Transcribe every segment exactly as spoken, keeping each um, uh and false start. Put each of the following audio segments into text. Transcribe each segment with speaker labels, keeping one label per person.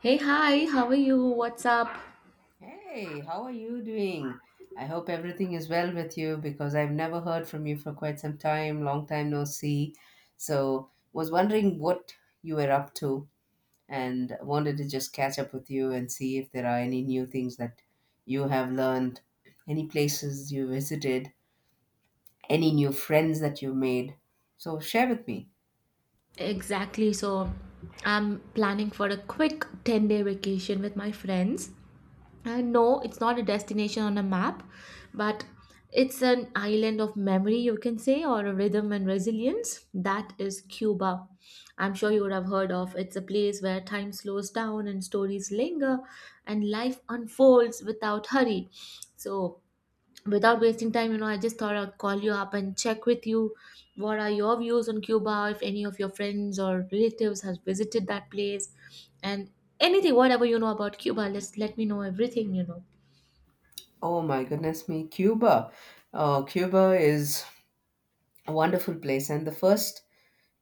Speaker 1: Hey, hi, how are you? What's up?
Speaker 2: Hey, how are you doing? I hope everything is well with you because I've never heard from you for quite some time, long time no see. So, was wondering what you were up to and wanted to just catch up with you and see if there are any new things that you have learned, any places you visited, any new friends that you made. So, share with me.
Speaker 1: Exactly. So, I'm planning for a quick ten day vacation with my friends. And no, it's not a destination on a map, but it's an island of memory, you can say, or a rhythm and resilience. That is Cuba. I'm sure you would have heard of. It's a place where time slows down and stories linger and life unfolds without hurry. So, without wasting time, you know, I just thought I'd call you up and check with you what are your views on Cuba, if any of your friends or relatives has visited that place, and anything, whatever you know about Cuba, let's let me know everything, you know.
Speaker 2: Oh my goodness me, Cuba. Oh, Cuba is a wonderful place and the first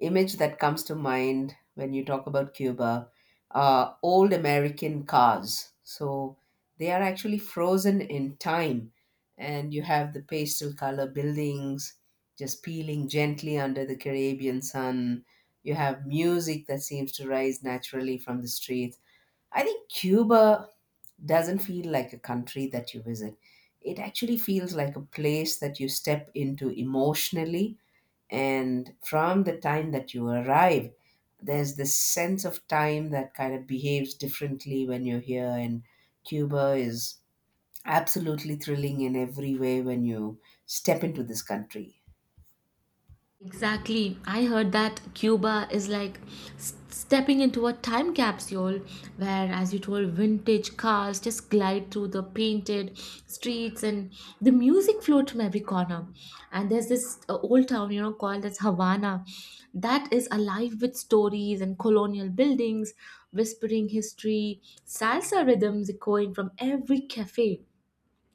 Speaker 2: image that comes to mind when you talk about Cuba are old American cars. So they are actually frozen in time, and you have the pastel color buildings just peeling gently under the Caribbean sun. You have music that seems to rise naturally from the streets. I think Cuba doesn't feel like a country that you visit. It actually feels like a place that you step into emotionally and from the time that you arrive there's this sense of time that kind of behaves differently when you're here and Cuba is absolutely thrilling in every way when you step into this country.
Speaker 1: Exactly. I heard that Cuba is like s- stepping into a time capsule where, as you told, vintage cars just glide through the painted streets and the music floats from every corner. And there's this uh, old town, you know, called as Havana, that is alive with stories and colonial buildings, whispering history, salsa rhythms echoing from every cafe,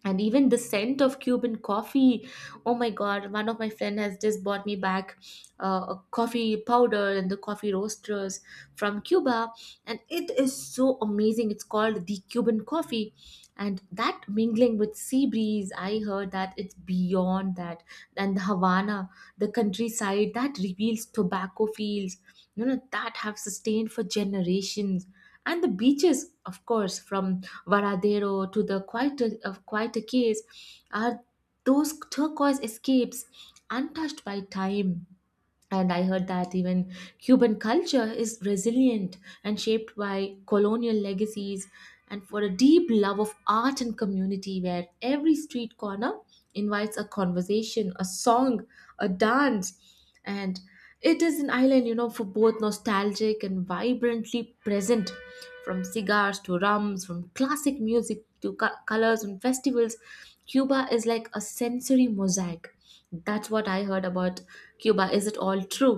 Speaker 1: and even the scent of Cuban coffee. Oh my god, one of my friend has just bought me back uh, a coffee powder and the coffee roasters from Cuba, and it is so amazing. It's called the Cuban coffee, and that mingling with sea breeze, I heard that it's beyond that. And the Havana, the countryside that reveals tobacco fields, you know, that have sustained for generations, and the beaches, of course, from Varadero to the quieter of quieter keys, are those turquoise escapes untouched by time. And I heard that even Cuban culture is resilient, and shaped by colonial legacies, and for a deep love of art and community, where every street corner invites a conversation, a song, a dance, and it is an island, you know, for both nostalgic and vibrantly present. From cigars to rums, from classic music to co- colors and festivals, Cuba is like a sensory mosaic. That's what I heard about Cuba. Is it all true?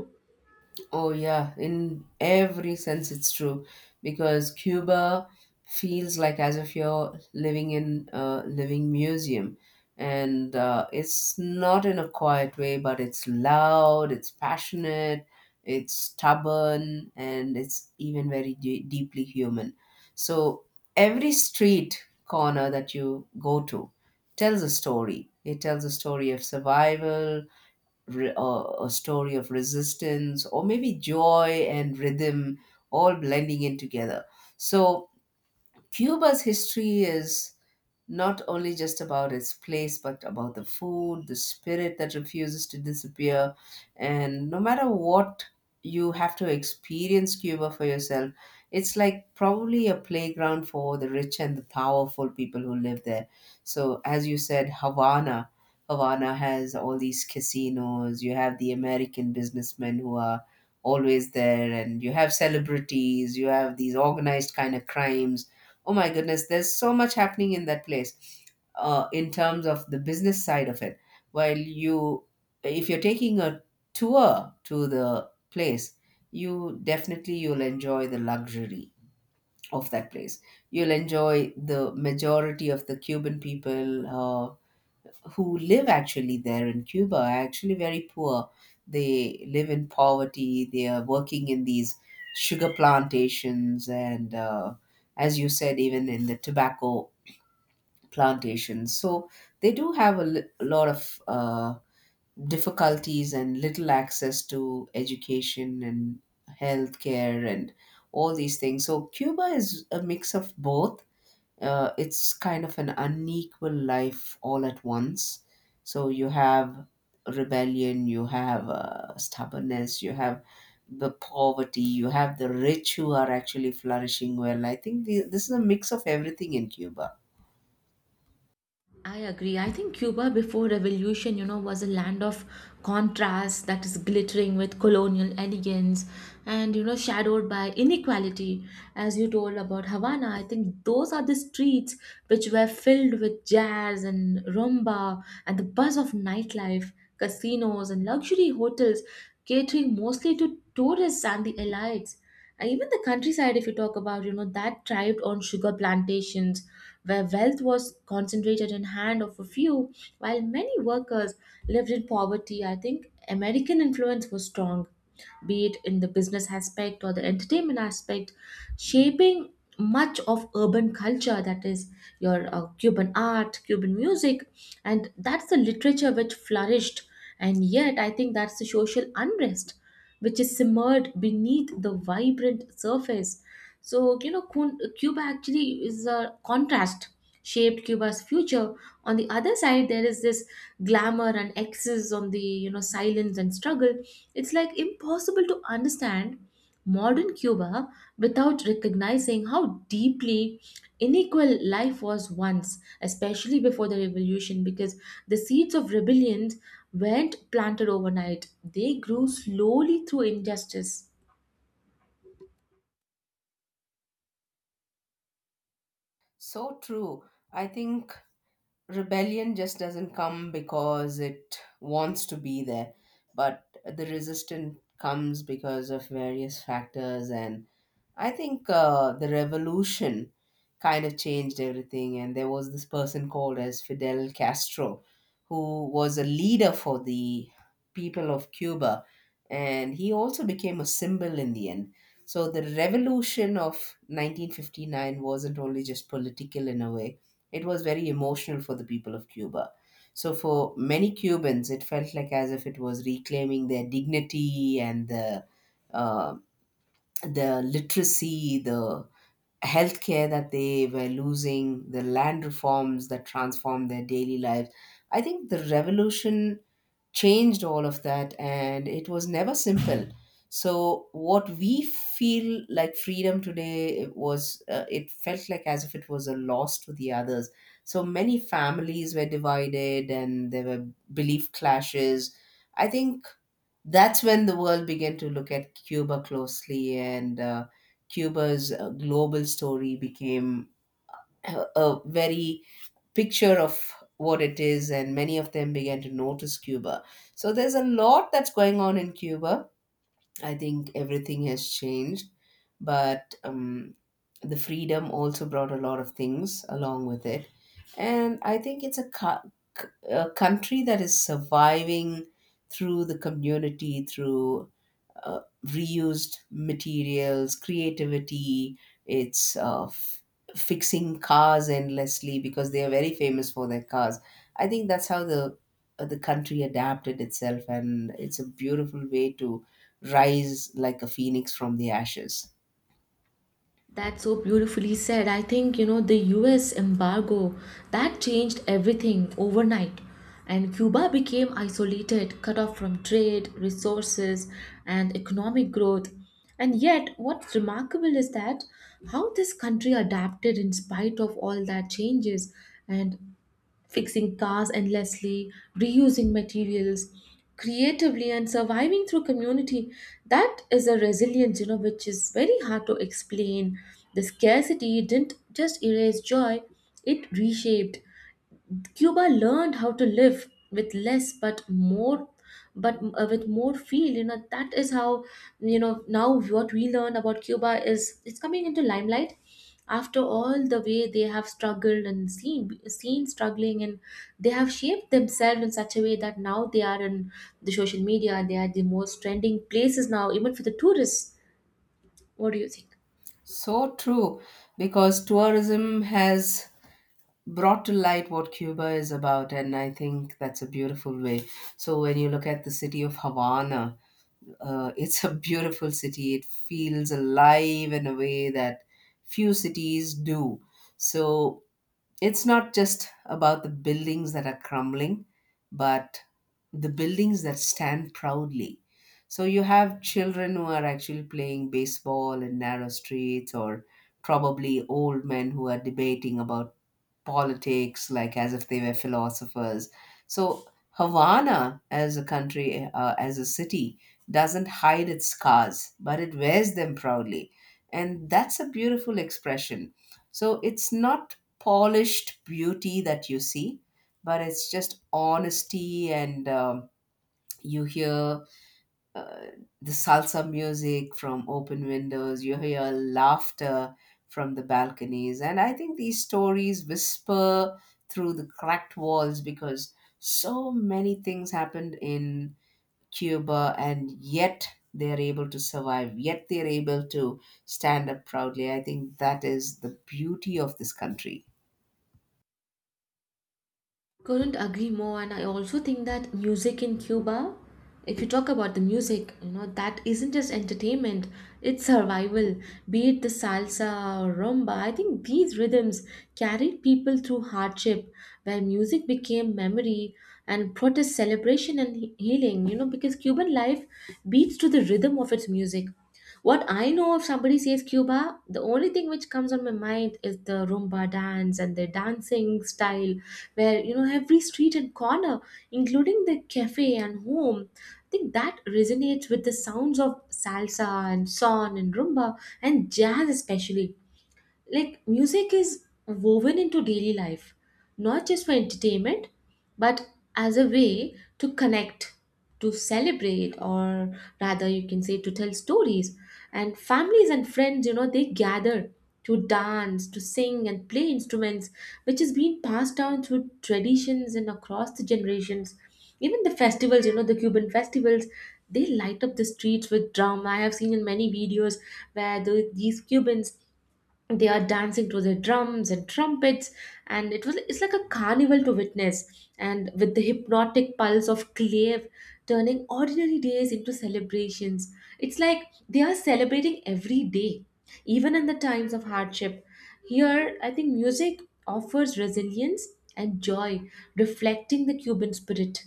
Speaker 2: Oh, yeah, in every sense, it's true because Cuba feels like as if you're living in a living museum. And uh, it's not in a quiet way, but it's loud, it's passionate, it's stubborn, and it's even very de- deeply human. So every street corner that you go to tells a story. It tells a story of survival, re- uh, a story of resistance or maybe joy and rhythm all blending in together, so Cuba's history is not only just about its place, but about the food, the spirit that refuses to disappear. And no matter what, you have to experience Cuba for yourself. It's like probably a playground for the rich and the powerful people who live there. So, as you said, Havana. Havana has all these casinos. You have the American businessmen who are always there, and you have celebrities. You have these organized kind of crimes. Oh my goodness, there's so much happening in that place uh, in terms of the business side of it. While you, if you're taking a tour to the place, you definitely you'll enjoy the luxury of that place. You'll enjoy the majority of the Cuban people, uh, who live actually there in Cuba are actually very poor. They live in poverty. They are working in these sugar plantations and, uh, as you said, even in the tobacco plantations. So they do have a, li- a lot of uh, difficulties and little access to education and healthcare and all these things. So Cuba is a mix of both, uh, it's kind of an unequal life all at once. So you have rebellion, you have uh, stubbornness, you have the poverty, you have the rich who are actually flourishing well. I think the, this is a mix of everything in Cuba.
Speaker 1: I agree. I think Cuba before revolution, you know, was a land of contrast that is glittering with colonial elegance, and you know, shadowed by inequality. As you told about Havana, I think those are the streets which were filled with jazz and rumba and the buzz of nightlife, casinos and luxury hotels catering mostly to tourists and the elites. And even the countryside, if you talk about, you know, that thrived on sugar plantations, where wealth was concentrated in hand of a few, while many workers lived in poverty. I think American influence was strong, be it in the business aspect or the entertainment aspect, shaping much of urban culture, that is your uh, Cuban art, Cuban music, and that's the literature which flourished. And yet, I think that's the social unrest which is simmered beneath the vibrant surface. So, you know, Kun- Cuba actually is a contrast, shaped Cuba's future. On the other side, there is this glamour and excess on the, you know, silence and struggle. It's like impossible to understand modern Cuba without recognizing how deeply unequal life was once, especially before the revolution, because the seeds of rebellion weren't planted overnight. They grew slowly through injustice.
Speaker 2: So true. I think rebellion just doesn't come because it wants to be there, but the resistance comes because of various factors. And I think uh, the revolution kind of changed everything. And there was this person called as Fidel Castro, who was a leader for the people of Cuba, and he also became a symbol in the end. So the revolution of nineteen fifty-nine wasn't only just political in a way, it was very emotional for the people of Cuba. So for many Cubans, it felt like as if it was reclaiming their dignity and the uh, the literacy, the healthcare that they were losing, the land reforms that transformed their daily lives. I think the revolution changed all of that and it was never simple. So, what we feel like freedom today it was, uh, it felt like as if it was a loss to the others. So, many families were divided and there were belief clashes. I think that's when the world began to look at Cuba closely and uh, Cuba's uh, global story became a, a very picture of what it is, and many of them began to notice Cuba. So there's a lot that's going on in Cuba. I think everything has changed, but um, the freedom also brought a lot of things along with it. And I think it's a, co- c- a country that is surviving through the community, through uh, reused materials, creativity. It's uh, f- fixing cars endlessly because they are very famous for their cars. I think that's how the uh, the country adapted itself, and it's a beautiful way to rise like a phoenix from the ashes.
Speaker 1: That's so beautifully said. I think, you know, the U S embargo that changed everything overnight. And Cuba became isolated, cut off from trade, resources, and economic growth. And yet, what's remarkable is that how this country adapted in spite of all that changes. And fixing cars endlessly, reusing materials creatively, and surviving through community, that is a resilience, you know, which is very hard to explain. The scarcity didn't just erase joy, it reshaped. Cuba learned how to live with less but more, but uh, with more feel, you know, that is how, you know, now what we learn about Cuba is it's coming into limelight after all the way they have struggled and seen seen struggling, and they have shaped themselves in such a way that now they are in the social media, they are the most trending places now even for the tourists. What do you think?
Speaker 2: So true, because tourism has brought to light what Cuba is about, and I think that's a beautiful way. So when you look at the city of Havana, Uh, it's a beautiful city. It feels alive in a way that few cities do. So it's not just about the buildings that are crumbling, but the buildings that stand proudly. So you have children who are actually playing baseball in narrow streets, or probably old men who are debating about politics, like as if they were philosophers. So Havana, as a country, uh, as a city, doesn't hide its scars, but it wears them proudly. And that's a beautiful expression. So it's not polished beauty that you see, but it's just honesty, and um, you hear the salsa music from open windows, you hear laughter from the balconies. And I think these stories whisper through the cracked walls because so many things happened in Cuba and yet they're able to survive, yet they're able to stand up proudly. I think that is the beauty of this country.
Speaker 1: Couldn't agree more, and I also think that music in Cuba, if you talk about the music, you know, that isn't just entertainment, it's survival. Be it the salsa or rumba, I think these rhythms carried people through hardship, where music became memory and protest, celebration, and he- healing, you know, because Cuban life beats to the rhythm of its music. What I know, if somebody says Cuba, the only thing which comes on my mind is the rumba dance and the dancing style, where you know every street and corner, including the cafe and home, I think that resonates with the sounds of salsa and son and rumba and jazz especially. Like music is woven into daily life, not just for entertainment, but as a way to connect, to celebrate, or rather you can say to tell stories. And families and friends, you know, they gather to dance, to sing, and play instruments, which is being passed down through traditions and across the generations. Even the festivals, you know, the Cuban festivals, they light up the streets with drum. I have seen in many videos where the, these Cubans, they are dancing to the drums and trumpets, and it was, it's like a carnival to witness, and with the hypnotic pulse of clave, turning ordinary days into celebrations. It's like they are celebrating every day, even in the times of hardship. Here I think music offers resilience and joy, reflecting the Cuban spirit.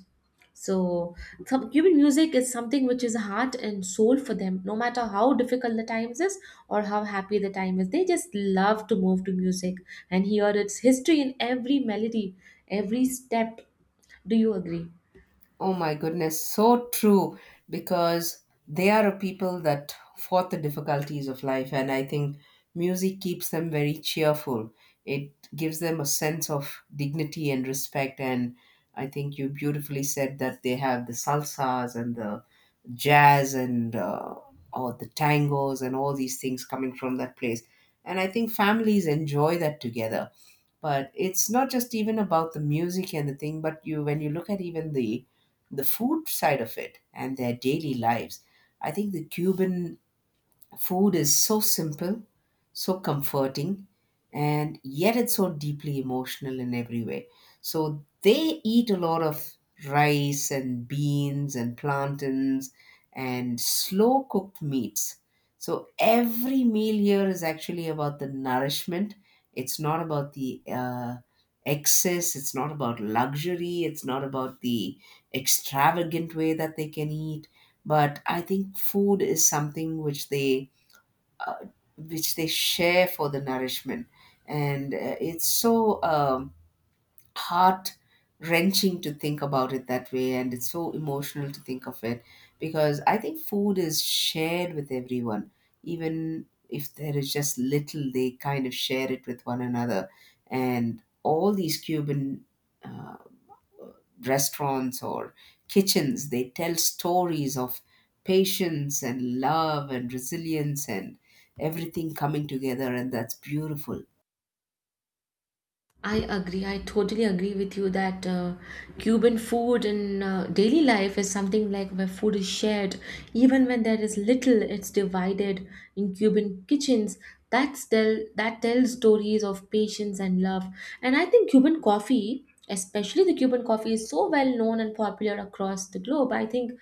Speaker 1: So, some, Cuban music is something which is heart and soul for them, no matter how difficult the times is or how happy the time is. They just love to move to music and hear its history in every melody, every step. Do you agree?
Speaker 2: Oh my goodness, so true because they are a people that fought the difficulties of life, and I think music keeps them very cheerful. It gives them a sense of dignity and respect, and I think you beautifully said that they have the salsas and the jazz and uh, or the tangos and all these things coming from that place, and I think families enjoy that together. But it's not just even about the music and the thing, but you when you look at even the the food side of it and their daily lives. I think the Cuban food is so simple, so comforting, and yet it's so deeply emotional in every way. So they eat a lot of rice and beans and plantains and slow cooked meats. So every meal here is actually about the nourishment. It's not about the uh, excess. It's not about luxury. It's not about the extravagant way that they can eat. But I think food is something which they uh, which they share for the nourishment. And uh, it's so um, heart wrenching to think about it that way, and it's so emotional to think of it because I think food is shared with everyone, even if there is just little, they kind of share it with one another. And all these Cuban. Uh, restaurants or kitchens they tell stories of patience and love and resilience and everything coming together and that's beautiful.
Speaker 1: I agree. I totally agree with you that uh, Cuban food in uh, daily life is something like where food is shared. Even when there is little, it's divided in Cuban kitchens. That's tell that tells stories of patience and love. And I think Cuban coffee, especially the Cuban coffee, is so well known and popular across the globe. I think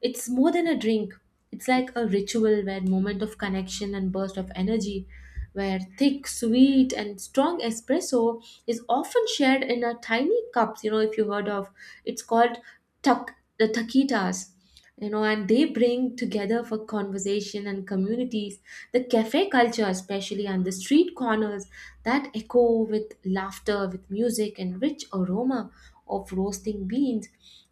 Speaker 1: it's more than a drink. It's like a ritual, where moment of connection and burst of energy, where thick, sweet, and strong espresso is often shared in a tiny cups. You know, if you heard of, it's called tuck the taquitas. You know, and they bring together for conversation and communities, the cafe culture, especially, and the street corners that echo with laughter, with music and rich aroma of roasting beans.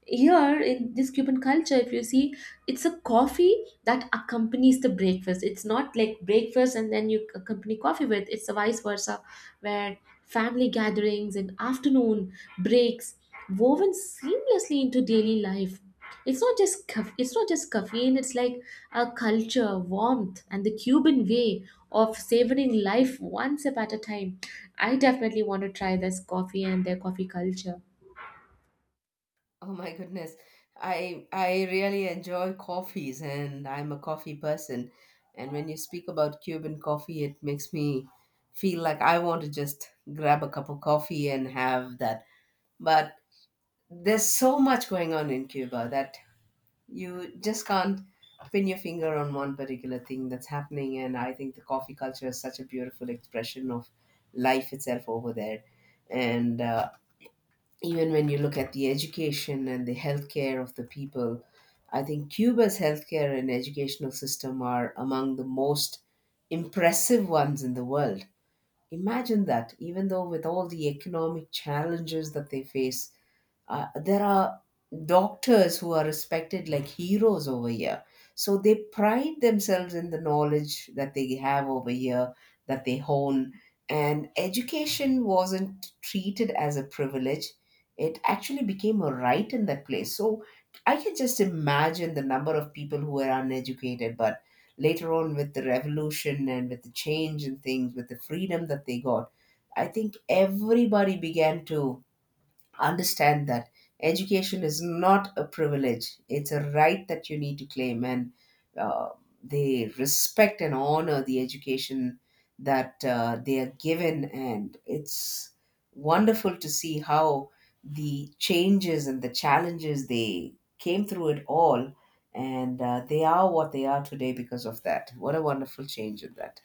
Speaker 1: Here in this Cuban culture, if you see, it's a coffee that accompanies the breakfast. It's not like breakfast and then you accompany coffee with. It's a vice versa, where family gatherings and afternoon breaks woven seamlessly into daily life. It's not just caff- it's not just caffeine. It's like a culture, warmth, and the Cuban way of savoring life one sip at a time. I definitely want to try this coffee and their coffee culture.
Speaker 2: Oh my goodness, i i really enjoy coffees and I'm a coffee person, and when you speak about Cuban coffee it makes me feel like I want to just grab a cup of coffee and have that. But there's so much going on in Cuba that you just can't pin your finger on one particular thing that's happening, and I think the coffee culture is such a beautiful expression of life itself over there. And uh, even when you look at the education and the healthcare of the people, I think Cuba's healthcare and educational system are among the most impressive ones in the world. Imagine that even though with all the economic challenges that they face, uh, there are doctors who are respected like heroes over here. So they pride themselves in the knowledge that they have over here, that they hone. And education wasn't treated as a privilege, it actually became a right in that place. So I can just imagine the number of people who were uneducated, but later on with the revolution and with the change in things, with the freedom that they got, I think everybody began to understand that education is not a privilege, it's a right that you need to claim. And uh, they respect and honor the education that uh, they are given, and it's wonderful to see how the changes and the challenges they came through it all. And uh, they are what they are today because of that. What a wonderful change in that.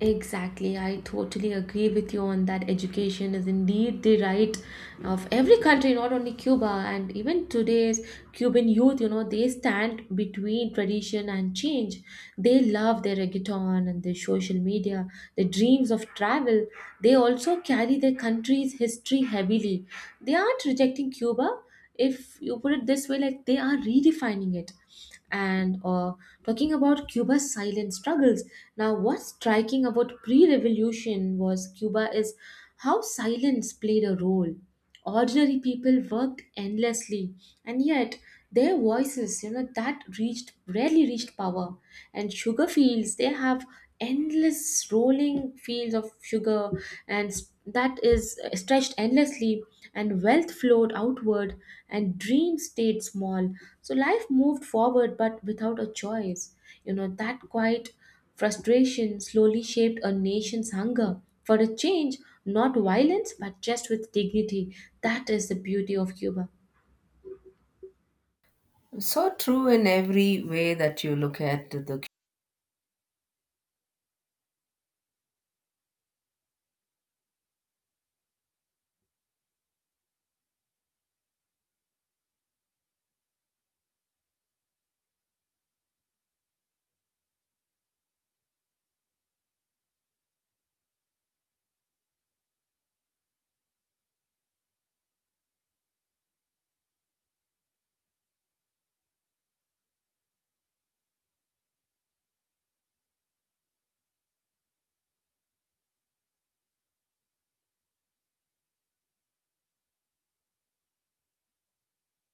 Speaker 1: Exactly, I totally agree with you on that. Education is indeed the right of every country, not only Cuba. And even today's Cuban youth, you know, they stand between tradition and change. They love their reggaeton and their social media, their dreams of travel. They also carry their country's history heavily. They aren't rejecting Cuba, if you put it this way, like they are redefining it. And uh, talking about Cuba's silent struggles, now what's striking about pre-revolution was Cuba is how silence played a role. Ordinary people worked endlessly, and yet their voices, you know, that reached rarely reached power. And sugar fields, they have endless rolling fields of sugar, and that is stretched endlessly, and wealth flowed outward, and dreams stayed small. So life moved forward but without a choice, you know, that quiet frustration slowly shaped a nation's hunger for a change, not violence but just with dignity. That is the beauty of Cuba.
Speaker 2: So true in every way that you look at the,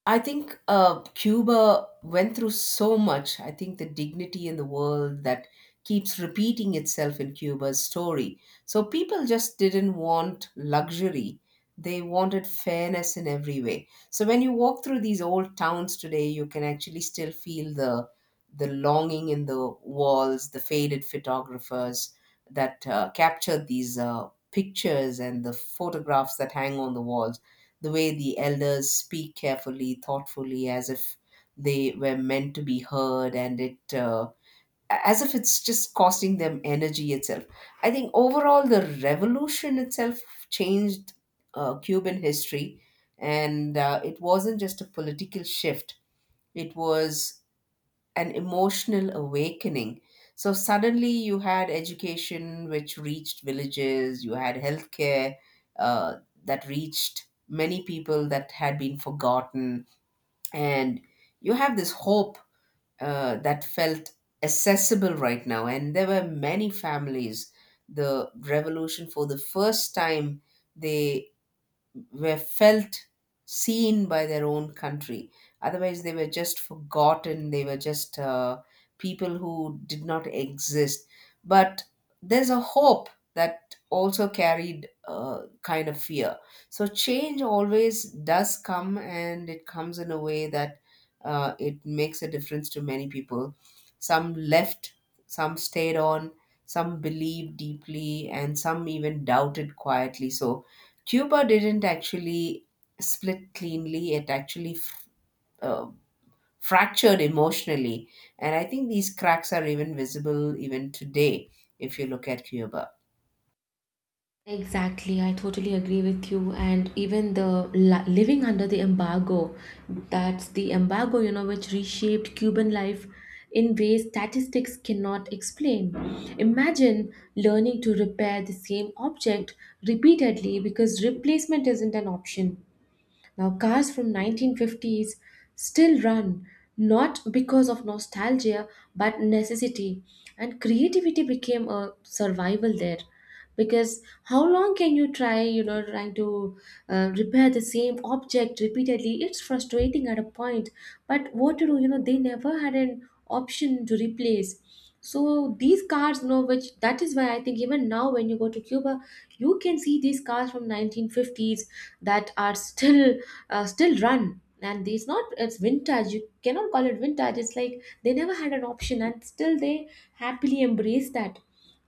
Speaker 2: I think uh, Cuba went through so much. I think the dignity in the world that keeps repeating itself in Cuba's story. So people just didn't want luxury. They wanted fairness in every way. So when you walk through these old towns today, you can actually still feel the the longing in the walls, the faded photographers that uh, captured these uh, pictures and the photographs that hang on the walls, the way the elders speak carefully, thoughtfully, as if they were meant to be heard, and it uh, as if it's just costing them energy itself. I think overall the revolution itself changed uh, Cuban history, and uh, it wasn't just a political shift; it was an emotional awakening. So suddenly you had education which reached villages, you had healthcare uh, that reached many people that had been forgotten, and you have this hope uh, that felt accessible right now. And there were many families. The revolution, for the first time, they were felt seen by their own country. Otherwise, they were just forgotten. They were just uh, people who did not exist. But there's a hope that also carried uh, kind of fear. So change always does come, and it comes in a way that uh, it makes a difference to many people. Some left, some stayed on, some believed deeply, and some even doubted quietly. So Cuba didn't actually split cleanly, it actually f- uh, fractured emotionally. And I think these cracks are even visible even today if you look at Cuba.
Speaker 1: Exactly, I totally agree with you. And even the li- living under the embargo, that's the embargo, you know, which reshaped Cuban life in ways statistics cannot explain. Imagine learning to repair the same object repeatedly because replacement isn't an option. Now, cars from nineteen fifties still run, not because of nostalgia but necessity, and creativity became a survival there. Because how long can you try, you know, trying to uh, repair the same object repeatedly? It's frustrating at a point, but what to do? You know, they never had an option to replace. So these cars, you know, which that is why I think even now when you go to Cuba, you can see these cars from nineteen fifties that are still uh, still run, and these not, it's vintage. You cannot call it vintage. It's like they never had an option, and still they happily embrace that.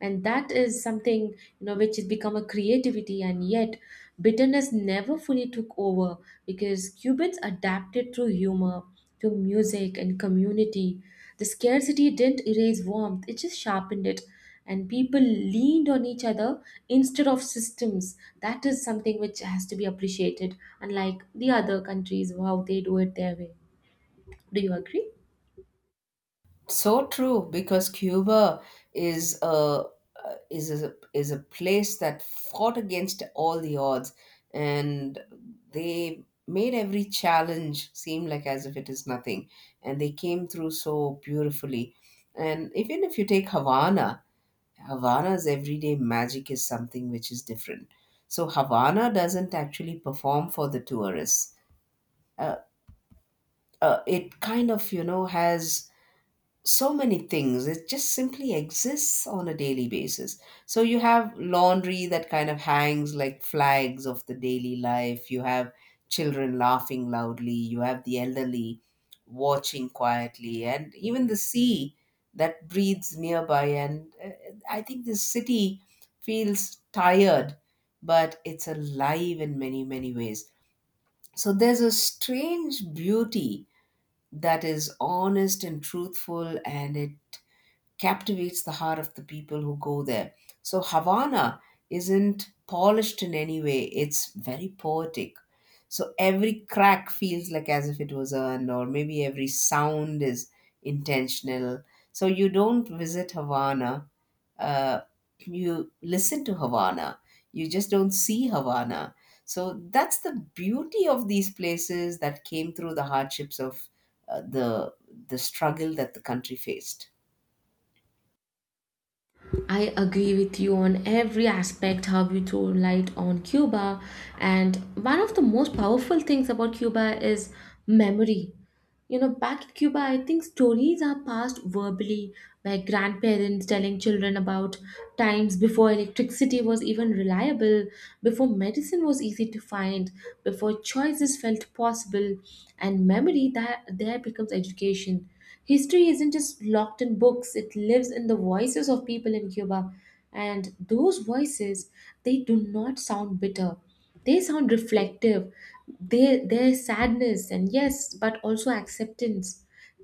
Speaker 1: And that is something, you know, which has become a creativity. And yet bitterness never fully took over, because Cubans adapted through humor to music and community. The scarcity didn't erase warmth, it just sharpened it. And people leaned on each other instead of systems. That is something which has to be appreciated, unlike the other countries, how they do it their way. Do you agree?
Speaker 2: So true, because Cuba is a uh, is a, is a place that fought against all the odds, and they made every challenge seem like as if it is nothing, and they came through so beautifully. And even if you take Havana, Havana's everyday magic is something which is different. So Havana doesn't actually perform for the tourists. Uh, uh, it kind of, you know, has so many things. It just simply exists on a daily basis. So you have laundry that kind of hangs like flags of the daily life, you have children laughing loudly, you have the elderly watching quietly, and even the sea that breathes nearby. And uh, I think this city feels tired, but it's alive in many, many ways. So there's a strange beauty that is honest and truthful, and it captivates the heart of the people who go there. So Havana isn't polished in any way, it's very poetic. So every crack feels like as if it was earned, or maybe every sound is intentional. So you don't visit Havana, uh, you listen to Havana, you just don't see Havana. So that's the beauty of these places that came through the hardships of uh, the the struggle that the country faced.
Speaker 1: I agree with you on every aspect how you throw light on Cuba. And one of the most powerful things about Cuba is memory. You know, back in Cuba, I think stories are passed verbally by grandparents telling children about times before electricity was even reliable, before medicine was easy to find, before choices felt possible. And memory that there becomes education. History isn't just locked in books, it lives in the voices of people in Cuba. And those voices, they do not sound bitter, they sound reflective. They, there's sadness, and yes, but also acceptance.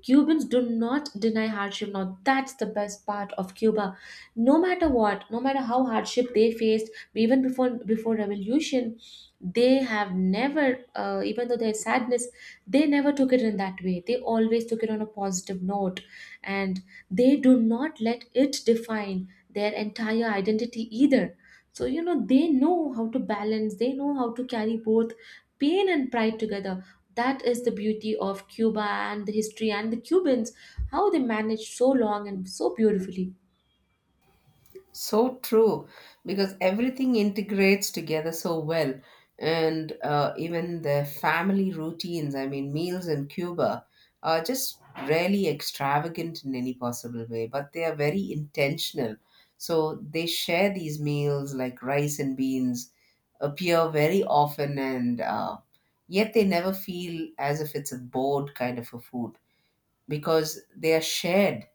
Speaker 1: Cubans do not deny hardship. Now that's the best part of Cuba. No matter what, no matter how hardship they faced, even before before revolution, they have never uh, even though there's sadness, they never took it in that way, they always took it on a positive note. And they do not let it define their entire identity either. So you know, they know how to balance, they know how to carry both pain and pride together. That is the beauty of Cuba and the history and the Cubans, how they managed so long and so beautifully.
Speaker 2: So true, because everything integrates together so well. And uh, even the family routines, I mean, meals in Cuba are just rarely extravagant in any possible way, but they are very intentional. So they share these meals like rice and beans, appear very often, and uh, yet they never feel as if it's a bored kind of a food because they are shared,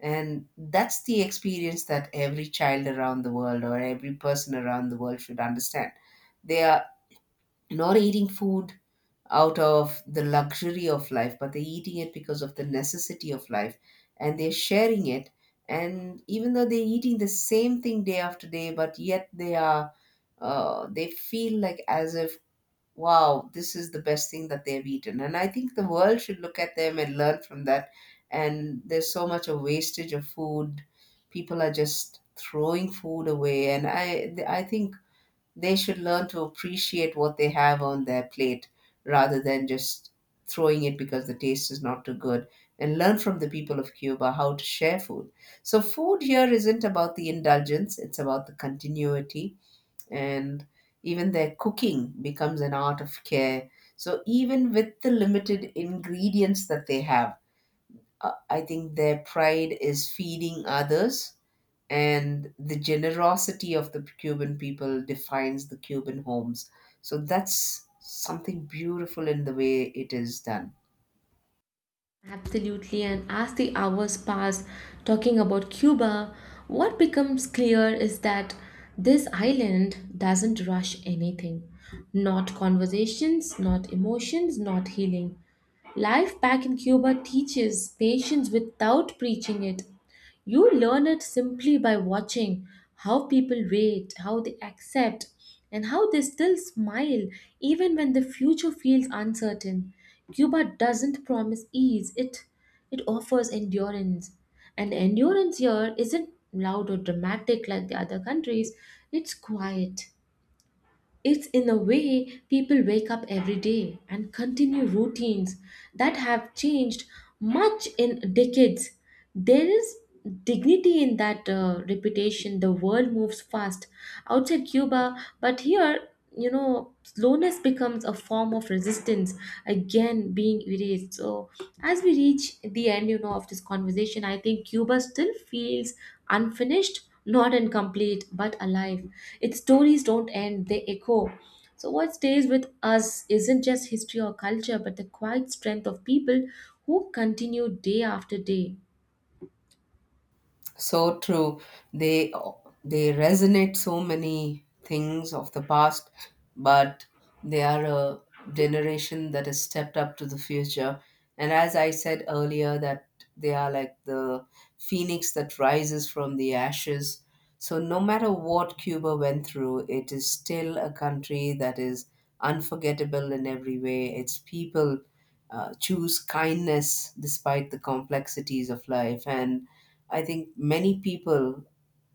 Speaker 2: and that's the experience that every child around the world or every person around the world should understand. They are not eating food out of the luxury of life, but they're eating it because of the necessity of life, and they're sharing it. And even though they're eating the same thing day after day, but yet they are, uh, they feel like as if wow, this is the best thing that they've eaten. And I think the world should look at them and learn from that. And there's so much a wastage of food. People are just throwing food away. And I, I think they should learn to appreciate what they have on their plate rather than just throwing it because the taste is not too good. And learn from the people of Cuba how to share food. So, food here isn't about the indulgence, it's about the continuity, and even their cooking becomes an art of care. So, even with the limited ingredients that they have, uh, I think their pride is feeding others, and the generosity of the Cuban people defines the Cuban homes. So, that's something beautiful in the way it is done.
Speaker 1: Absolutely, and as the hours pass talking about Cuba, what becomes clear is that this island doesn't rush anything. Not conversations, not emotions, not healing. Life back in Cuba teaches patience without preaching it. You learn it simply by watching how people wait, how they accept, and how they still smile even when the future feels uncertain. Cuba doesn't promise ease, it, it offers endurance. And endurance here isn't loud or dramatic like the other countries, it's quiet. It's in a way people wake up every day and continue routines that have changed much in decades. There is dignity in that uh, repetition. The world moves fast outside Cuba, but here, you know, slowness becomes a form of resistance again being erased. So, as we reach the end, you know, of this conversation, I think Cuba still feels unfinished, not incomplete but alive. Its stories don't end, they echo. So, what stays with us isn't just history or culture, but the quiet strength of people who continue day after day.
Speaker 2: So true. They they resonate so many things of the past, but they are a generation that has stepped up to the future. And as I said earlier, that they are like the phoenix that rises from the ashes. So no matter what Cuba went through, it is still a country that is unforgettable in every way. Its people uh, choose kindness despite the complexities of life, and I think many people,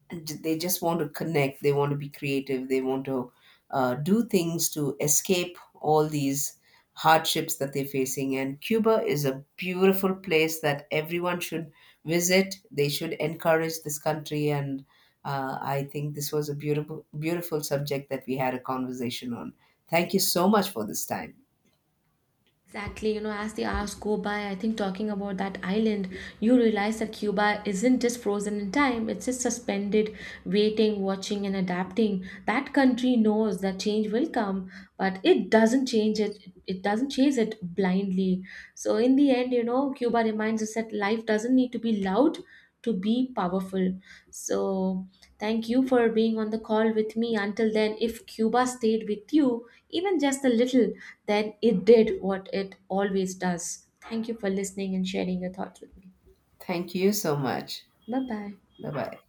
Speaker 2: they just want to connect, they want to be creative, they want to uh, do things to escape all these hardships that they're facing. And Cuba is a beautiful place that everyone should visit. They should encourage this country, and uh, I think this was a beautiful, beautiful subject that we had a conversation on. Thank you so much for this time.
Speaker 1: Exactly, you know, as the hours go by, I think talking about that island, you realize that Cuba isn't just frozen in time, it's just suspended, waiting, watching, and adapting. That country knows that change will come, but it doesn't change it, it doesn't chase it blindly. So, in the end, you know, Cuba reminds us that life doesn't need to be loud to be powerful. So, thank you for being on the call with me. Until then, if Cuba stayed with you, even just a little, then it did what it always does. Thank you for listening and sharing your thoughts with me.
Speaker 2: Thank you so much.
Speaker 1: Bye bye.
Speaker 2: Bye bye.